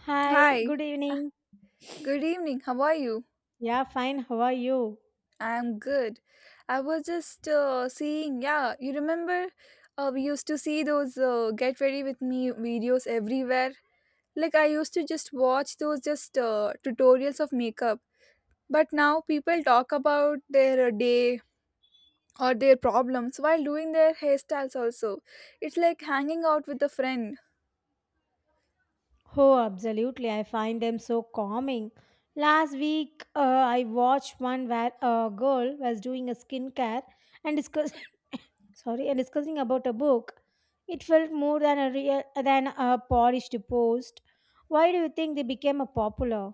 Hi, Hi, good evening. good evening. How are you? Yeah, fine. How are you? I'm good. I was just seeing, yeah, you remember we used to see those get ready with me videos everywhere. Like I used to just watch those just tutorials of makeup. But now people talk about their day or their problems while doing their hairstyles also. It's like hanging out with a friend. Oh, absolutely. I find them so calming. Last week, I watched one where a girl was doing a skincare and discuss sorry and discussing about a book. It felt more than a real than a polished post. Why do you think they became a popular?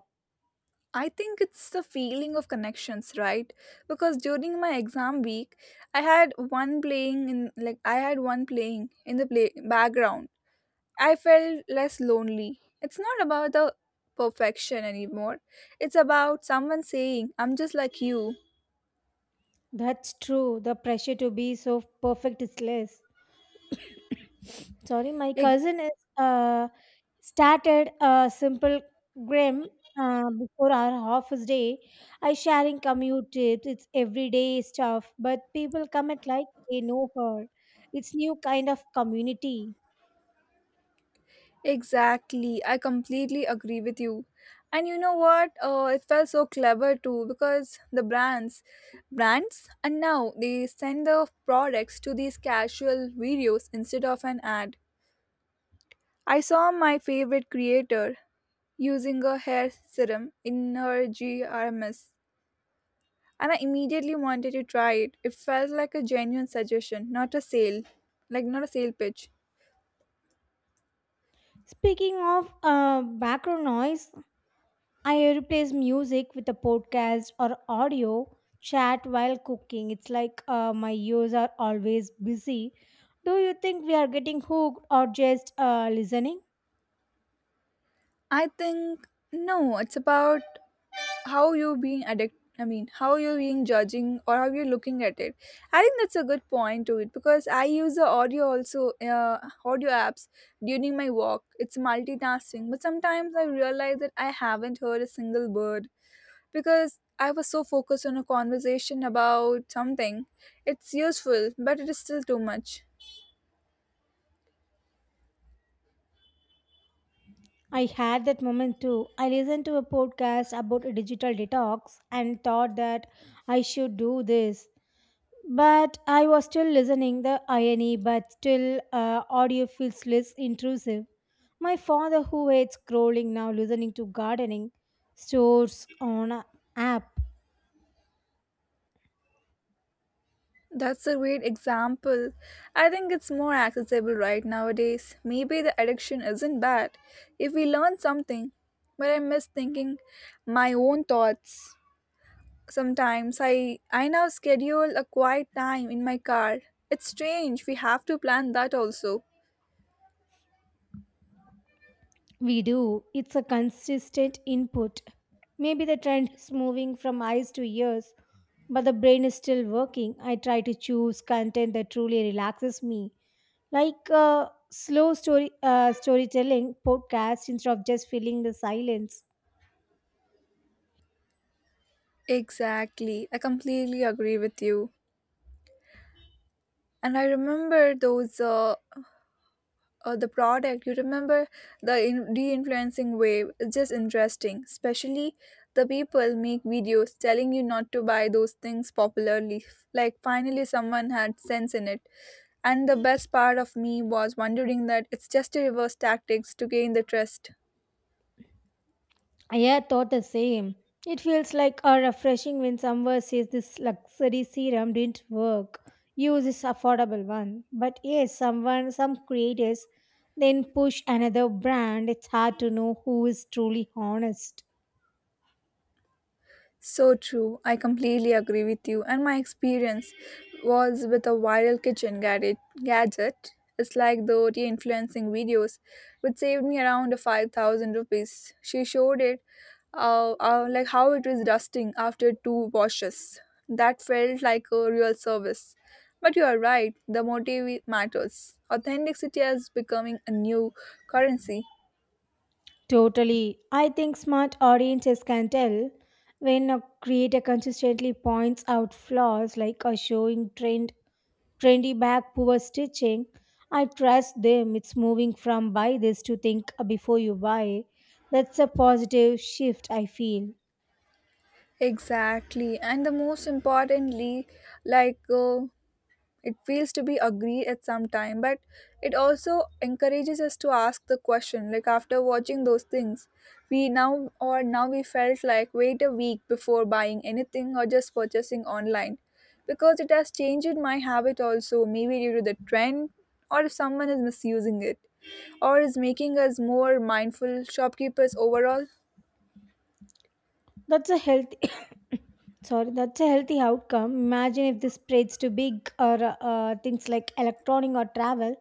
I think it's the feeling of connections, right? Because during my exam week, I had one playing in the play background. I felt less lonely. It's not about the perfection anymore. It's about someone saying, "I'm just like you." That's true. The pressure to be so perfect is less. Sorry, my Like, cousin is uh, started a simple grim before our office day. I sharing commute tips. It's everyday stuff, but people comment like they know her. It's new kind of community. exactly. I completely agree with you. And you know what? It felt so clever too because the brands and now they send the products to these casual videos instead of an ad. I saw my favorite creator using a hair serum in her GRMS, and I immediately wanted to try it. It felt like a genuine suggestion, not a sale, like not a sale pitch. Speaking of background noise, I replace music with a podcast or audio chat while cooking. It's like my ears are always busy. Do you think we are getting hooked or just listening? I think no, it's about how you being judging or how you looking at it. I think that's a good point to it because I use the audio also, audio apps during my walk. It's multitasking, but sometimes I realize that I haven't heard a single word because I was so focused on a conversation about something. It's useful, but it is still too much. I had that moment too. I listened to a podcast about a digital detox and thought that I should do this. But I was still listening the irony, but still audio feels less intrusive. My father, who hates scrolling now, listening to gardening stores on a app. That's a great example. I think it's more accessible right nowadays. Maybe the addiction isn't bad if we learn something, but I miss thinking my own thoughts. Sometimes I now schedule a quiet time in my car. It's strange we have to plan that also. We do. It's a consistent input. Maybe the trend is moving from eyes to ears, but the brain is still working. I try to choose content that truly relaxes me, like slow story storytelling podcast instead of just filling the silence. Exactly. I completely agree with you. And I remember those the product you remember the in- de-influencing wave is just interesting, especially the people make videos telling you not to buy those things popularly. Like finally someone had sense in it, and the best part of me was wondering that it's just a reverse tactics to gain the trust. I had thought the same. It feels like a refreshing when someone says this luxury serum didn't work. Use this affordable one. But yes, some creators then push another brand. It's hard to know who is truly honest. So true. I completely agree with you. And my experience was with a viral kitchen gadget. It's like the influencing videos, which saved me around 5,000 rupees. She showed it, like how it was dusting after two washes. That felt like a real service. But you are right. The motive matters. Authenticity is becoming a new currency. Totally. I think smart audiences can tell when a creator consistently points out flaws like a showing trendy bag poor stitching. I trust them. It's moving from buy this to think before you buy. That's a positive shift I feel. Exactly. And the most importantly, like it feels to be agree at some time, but it also encourages us to ask the question. Like after watching those things, we now or now we felt like wait a week before buying anything or just purchasing online, because it has changed my habit also, maybe due to the trend or if someone is misusing it, or is making us more mindful shopkeepers overall. That's a healthy sorry, that's a healthy outcome. Imagine if this spreads to big or things like electronic or travel,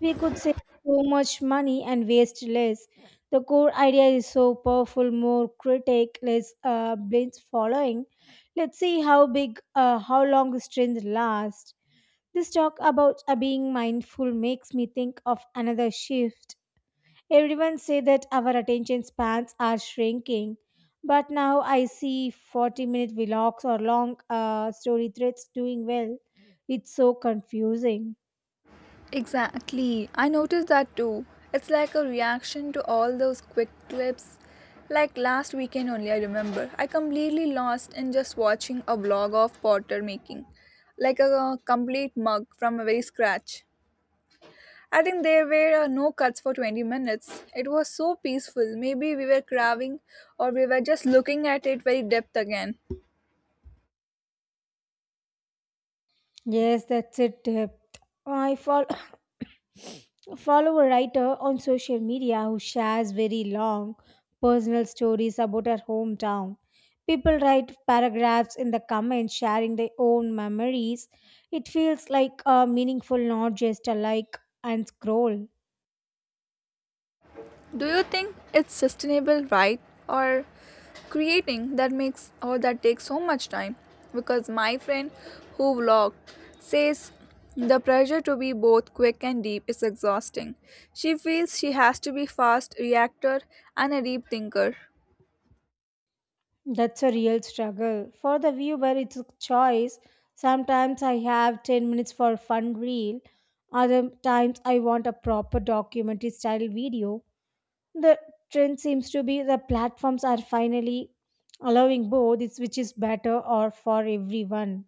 we could save so much money and waste less. The core idea is so powerful, more critic, less blind following. Let's see how long this trend lasts. This talk about being mindful makes me think of another shift. Everyone say that our attention spans are shrinking, but now I see 40-minute vlogs or long story threads doing well. It's so confusing. Exactly. I noticed that too. It's like a reaction to all those quick clips. Like last weekend only, I remember. I completely lost in just watching a vlog of Potter making, like a complete mug from a very scratch. I think there were no cuts for 20 minutes. It was so peaceful. Maybe we were craving, or we were just looking at it very depth again. Yes, that's it. Depth. I fall Follow a writer on social media who shares very long personal stories about her hometown. People write paragraphs in the comments sharing their own memories. It feels like a meaningful, not just a like and scroll. Do you think it's sustainable, right? Or creating that makes or that takes so much time? Because my friend who vlogged says the pressure to be both quick and deep is exhausting. She feels she has to be fast reactor and a deep thinker. That's a real struggle. For the viewer, it's a choice. Sometimes I have 10 minutes for a fun reel, other times I want a proper documentary style video. The trend seems to be the platforms are finally allowing both it's which is better or for everyone.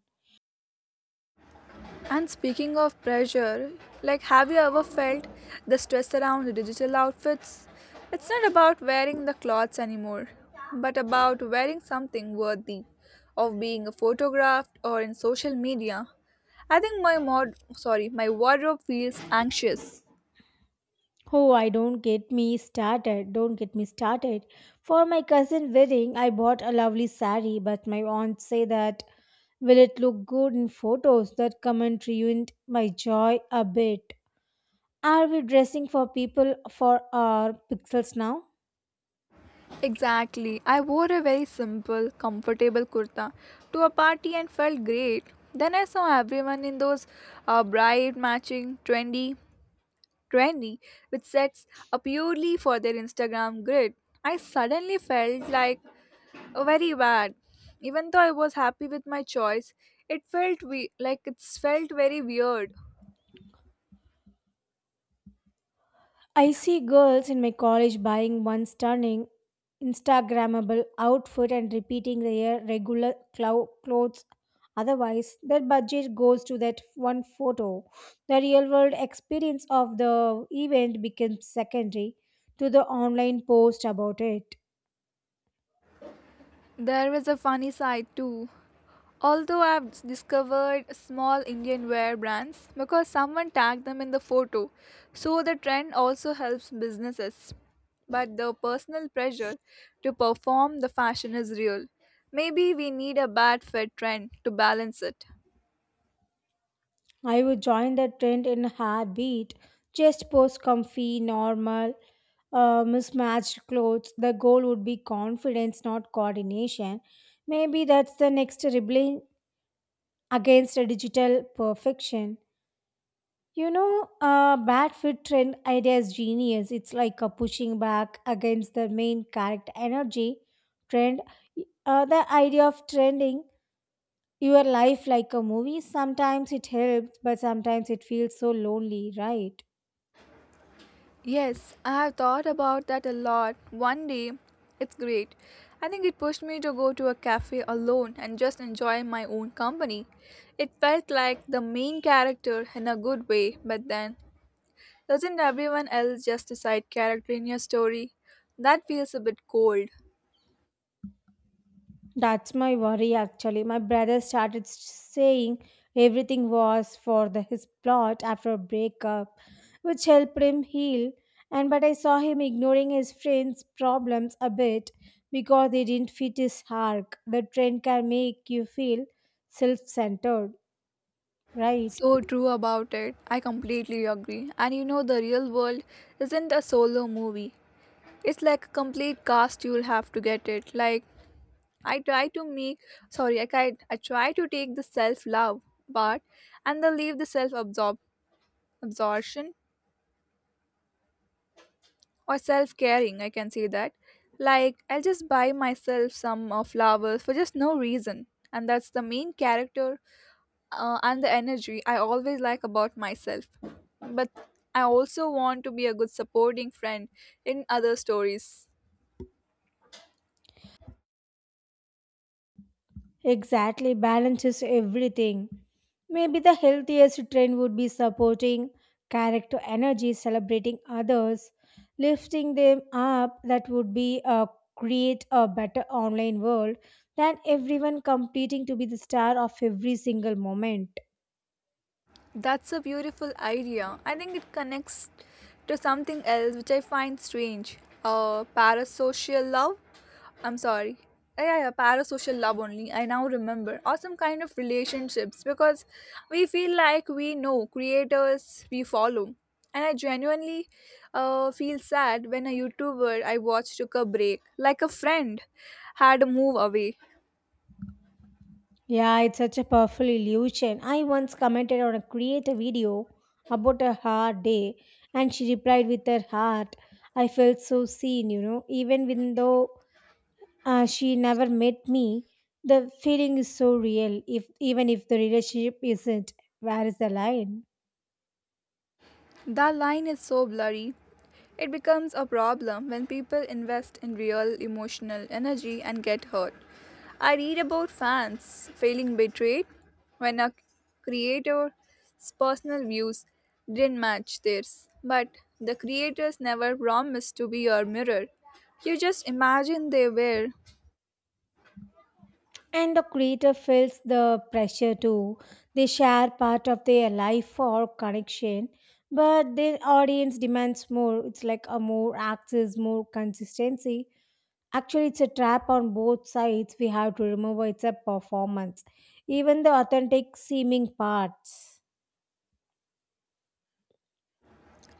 And speaking of pressure, like have you ever felt the stress around digital outfits? It's not about wearing the clothes anymore, but about wearing something worthy of being photographed or in social media. I think my wardrobe feels anxious. Oh, I don't get me started. For my cousin wedding, I bought a lovely sari, but my aunt say that will it look good in photos? That comment ruined my joy a bit. Are we dressing for people for our pixels now? Exactly. I wore a very simple, comfortable kurta to a party and felt great. Then I saw everyone in those bright, matching, trendy with sets are purely for their Instagram grid, I suddenly felt like oh, very bad. Even though I was happy with my choice, it felt we- like it's felt very weird. I see girls in my college buying one stunning Instagrammable outfit and repeating their regular clothes. Otherwise, their budget goes to that one photo. The real world experience of the event becomes secondary to the online post about it. There was a funny side too. Although I've discovered small Indian wear brands because someone tagged them in the photo, so the trend also helps businesses. But the personal pressure to perform the fashion is real. Maybe we need a bad fit trend to balance it. I would join the trend in a heartbeat. Just post comfy, normal, mismatched clothes. The goal would be confidence, not coordination. Maybe that's the next rebellion against a digital perfection. You know, bad fit trend idea is genius. It's like a pushing back against the main character energy trend. The idea of trending your life like a movie. Sometimes it helps, but sometimes it feels so lonely, right? Yes, I have thought about that a lot. One day, it's great. I think it pushed me to go to a cafe alone and just enjoy my own company. It felt like the main character in a good way, but then doesn't everyone else just decide character in your story? That feels a bit cold. That's my worry actually. My brother started saying everything was for his plot after a breakup, which helped him heal. And but I saw him ignoring his friends' problems a bit because they didn't fit his arc. The trend can make you feel self-centered, right? So true about it. I completely agree. And you know, the real world isn't a solo movie. It's like a complete cast. You'll have to get it. Like I try to make. Sorry, I tried. I try to take the self-love part and then leave the self-absorb absorption or self-caring. I can say that. Like I'll just buy myself some flowers for just no reason, and that's the main character and the energy I always like about myself. But I also want to be a good supporting friend in other stories. Exactly, balances everything. Maybe the healthiest trend would be supporting character energy, celebrating others, lifting them up. That would be create a better online world than everyone competing to be the star of every single moment. That's a beautiful idea. I think it connects to something else which I find strange. Parasocial love. I'm sorry. Yeah, yeah, yeah, parasocial love only. I now remember. Or some kind of relationships because we feel like we know creators we follow. And I genuinely feel sad when a YouTuber I watch took a break, like a friend had moved away. Yeah, it's such a powerful illusion. I once commented on a creator video about a hard day, and she replied with her heart. I felt so seen, even when though she never met me. The feeling is so real if even if the relationship isn't. Where is the line? That line is so blurry. It becomes a problem when people invest in real emotional energy and get hurt. I read about fans feeling betrayed when a creator's personal views didn't match theirs, but the creators never promised to be your mirror. You just imagine they were. And the creator feels the pressure too. They share part of their life for connection, but the audience demands more. It's like a more access, more consistency. Actually, it's a trap on both sides. We have to remember it's a performance, even the authentic seeming parts.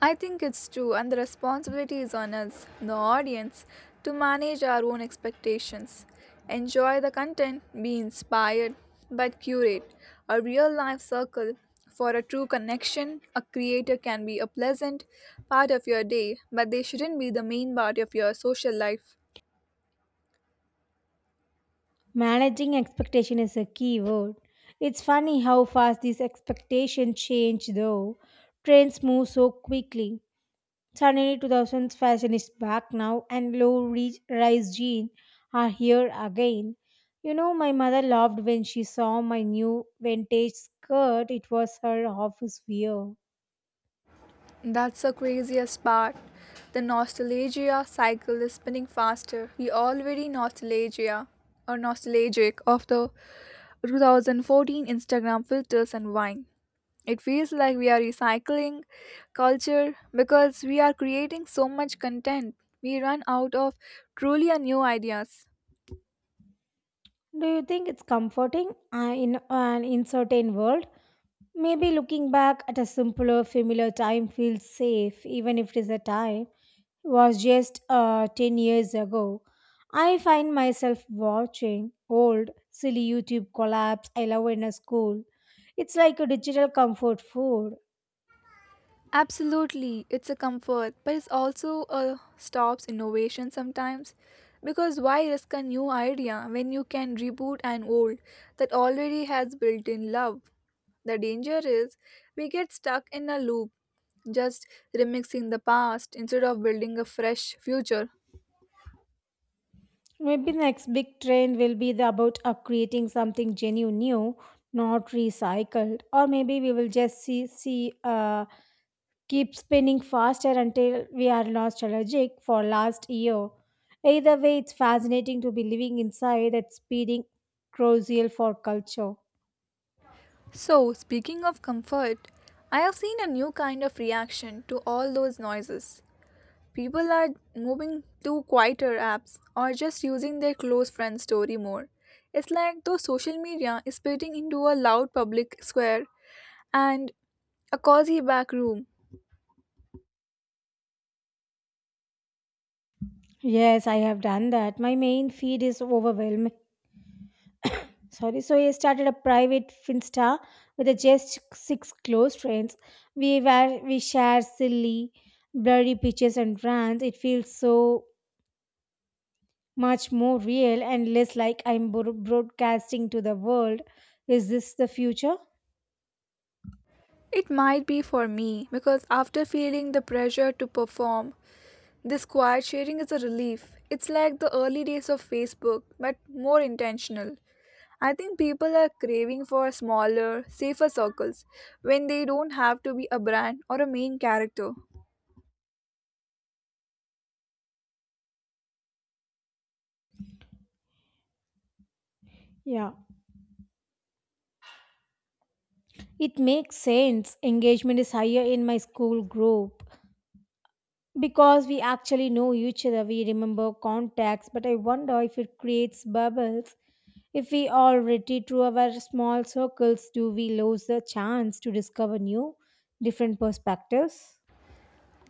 I think it's true, and the responsibility is on us, the audience, to manage our own expectations. Enjoy the content, be inspired, but curate a real life circle. For a true connection, a creator can be a pleasant part of your day, but they shouldn't be the main part of your social life. Managing expectation is a key word. It's funny how fast these expectations change though. Trends move so quickly. Suddenly 2000s fashion is back now and low rise jeans are here again. You know my mother laughed when she saw my new vintage skirt. It was her office wear. That's the craziest part. The nostalgia cycle is spinning faster. We already nostalgia or nostalgic of the 2014 Instagram filters and wine. It feels like we are recycling culture because we are creating so much content. We run out of truly a new ideas. Do you think it's comforting in an uncertain world? Maybe looking back at a simpler, familiar time feels safe, even if it is a time was just 10 years ago. I find myself watching old, silly YouTube collabs I love in a school. It's like a digital comfort food. Absolutely, it's a comfort, but it's also a stops innovation sometimes. Because why risk a new idea when you can reboot an old that already has built in love? The danger is we get stuck in a loop, just remixing the past instead of building a fresh future. Maybe the next big trend will be the about creating something genuine new, not recycled. Or maybe we will just see keep spinning faster until we are nostalgic for last year. Either way, it's fascinating to be living inside that speeding crucial for culture. So, speaking of comfort, I have seen a new kind of reaction to all those noises. People are moving to quieter apps or just using their close friend's story more. It's like though social media is splitting into a loud public square and a cozy back room. Yes, I have done that. My main feed is overwhelming. Sorry. So I started a private Finsta with a just six close friends. We share silly, blurry pictures and rants. It feels so much more real and less like I'm broadcasting to the world. Is this the future? It might be for me, because after feeling the pressure to perform, this quiet sharing is a relief. It's like the early days of Facebook, but more intentional. I think people are craving for smaller, safer circles when they don't have to be a brand or a main character. Yeah. It makes sense. Engagement is higher in my school group. Because we actually know each other, we remember contacts, but I wonder if it creates bubbles. If we all retreat to our small circles, do we lose the chance to discover new, different perspectives?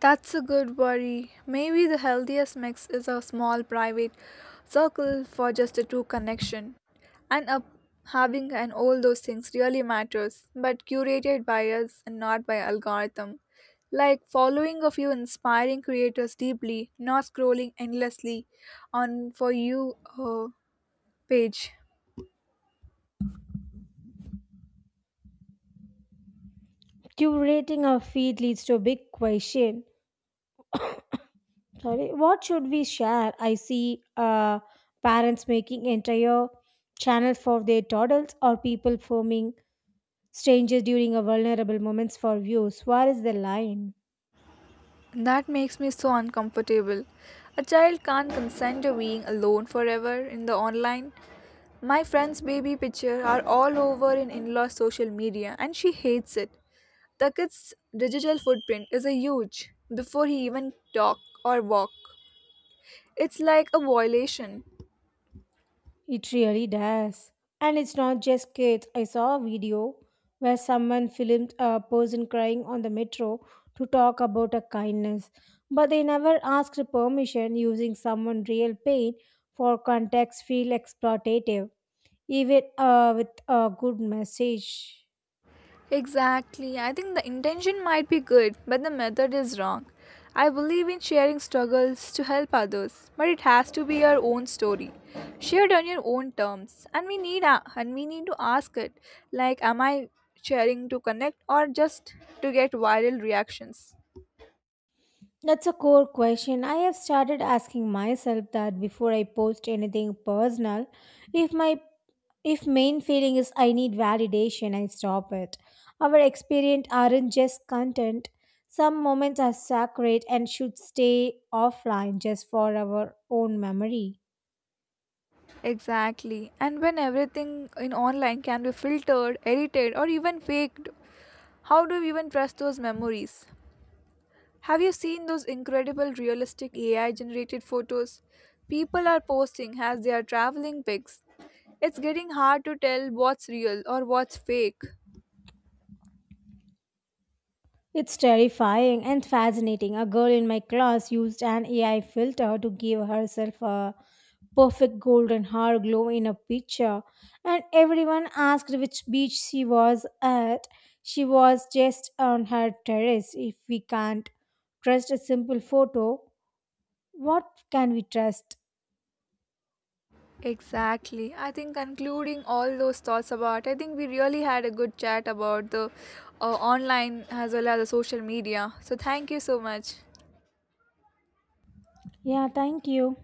That's a good worry. Maybe the healthiest mix is a small private circle for just a true connection. And up having and all those things really matters, but curated by us and not by algorithm. Like following a few inspiring creators deeply, not scrolling endlessly on for you page. Curating our feed leads to a big question. Sorry, what should we share? I see parents making entire channels for their toddlers or people filming strangers during a vulnerable moments for views. Where is the line? That makes me so uncomfortable. A child can't consent to being alone forever in the online. My friend's baby picture are all over in in-law social media and she hates it. The kid's digital footprint is a huge before he even talk or walk. It's like a violation. It really does. And it's not just kids. I saw a video where someone filmed a person crying on the metro to talk about a kindness, but they never asked permission using someone's real pain for context feel exploitative, even with a good message. Exactly. I think the intention might be good, but the method is wrong. I believe in sharing struggles to help others, but it has to be your own story, shared on your own terms, and we need to ask it, like, am I sharing to connect or just to get viral reactions? That's a core question. I have started asking myself that before I post anything personal. If my If main feeling is I need validation, I stop it. Our experience aren't just content. Some moments are sacred and should stay offline just for our own memory. Exactly. And when everything in online can be filtered, edited, or even faked, how do we even trust those memories? Have you seen those incredible realistic AI generated photos? People are posting as they are traveling pics. It's getting hard to tell what's real or what's fake. It's terrifying and fascinating. A girl in my class used an AI filter to give herself a perfect golden hair glow in a picture, and everyone asked which beach she was at. She was just on her terrace. If we can't trust a simple photo, what can we trust? Exactly. I think concluding all those thoughts about, I think we really had a good chat about the online as well as the social media. So thank you so much. Yeah, thank you.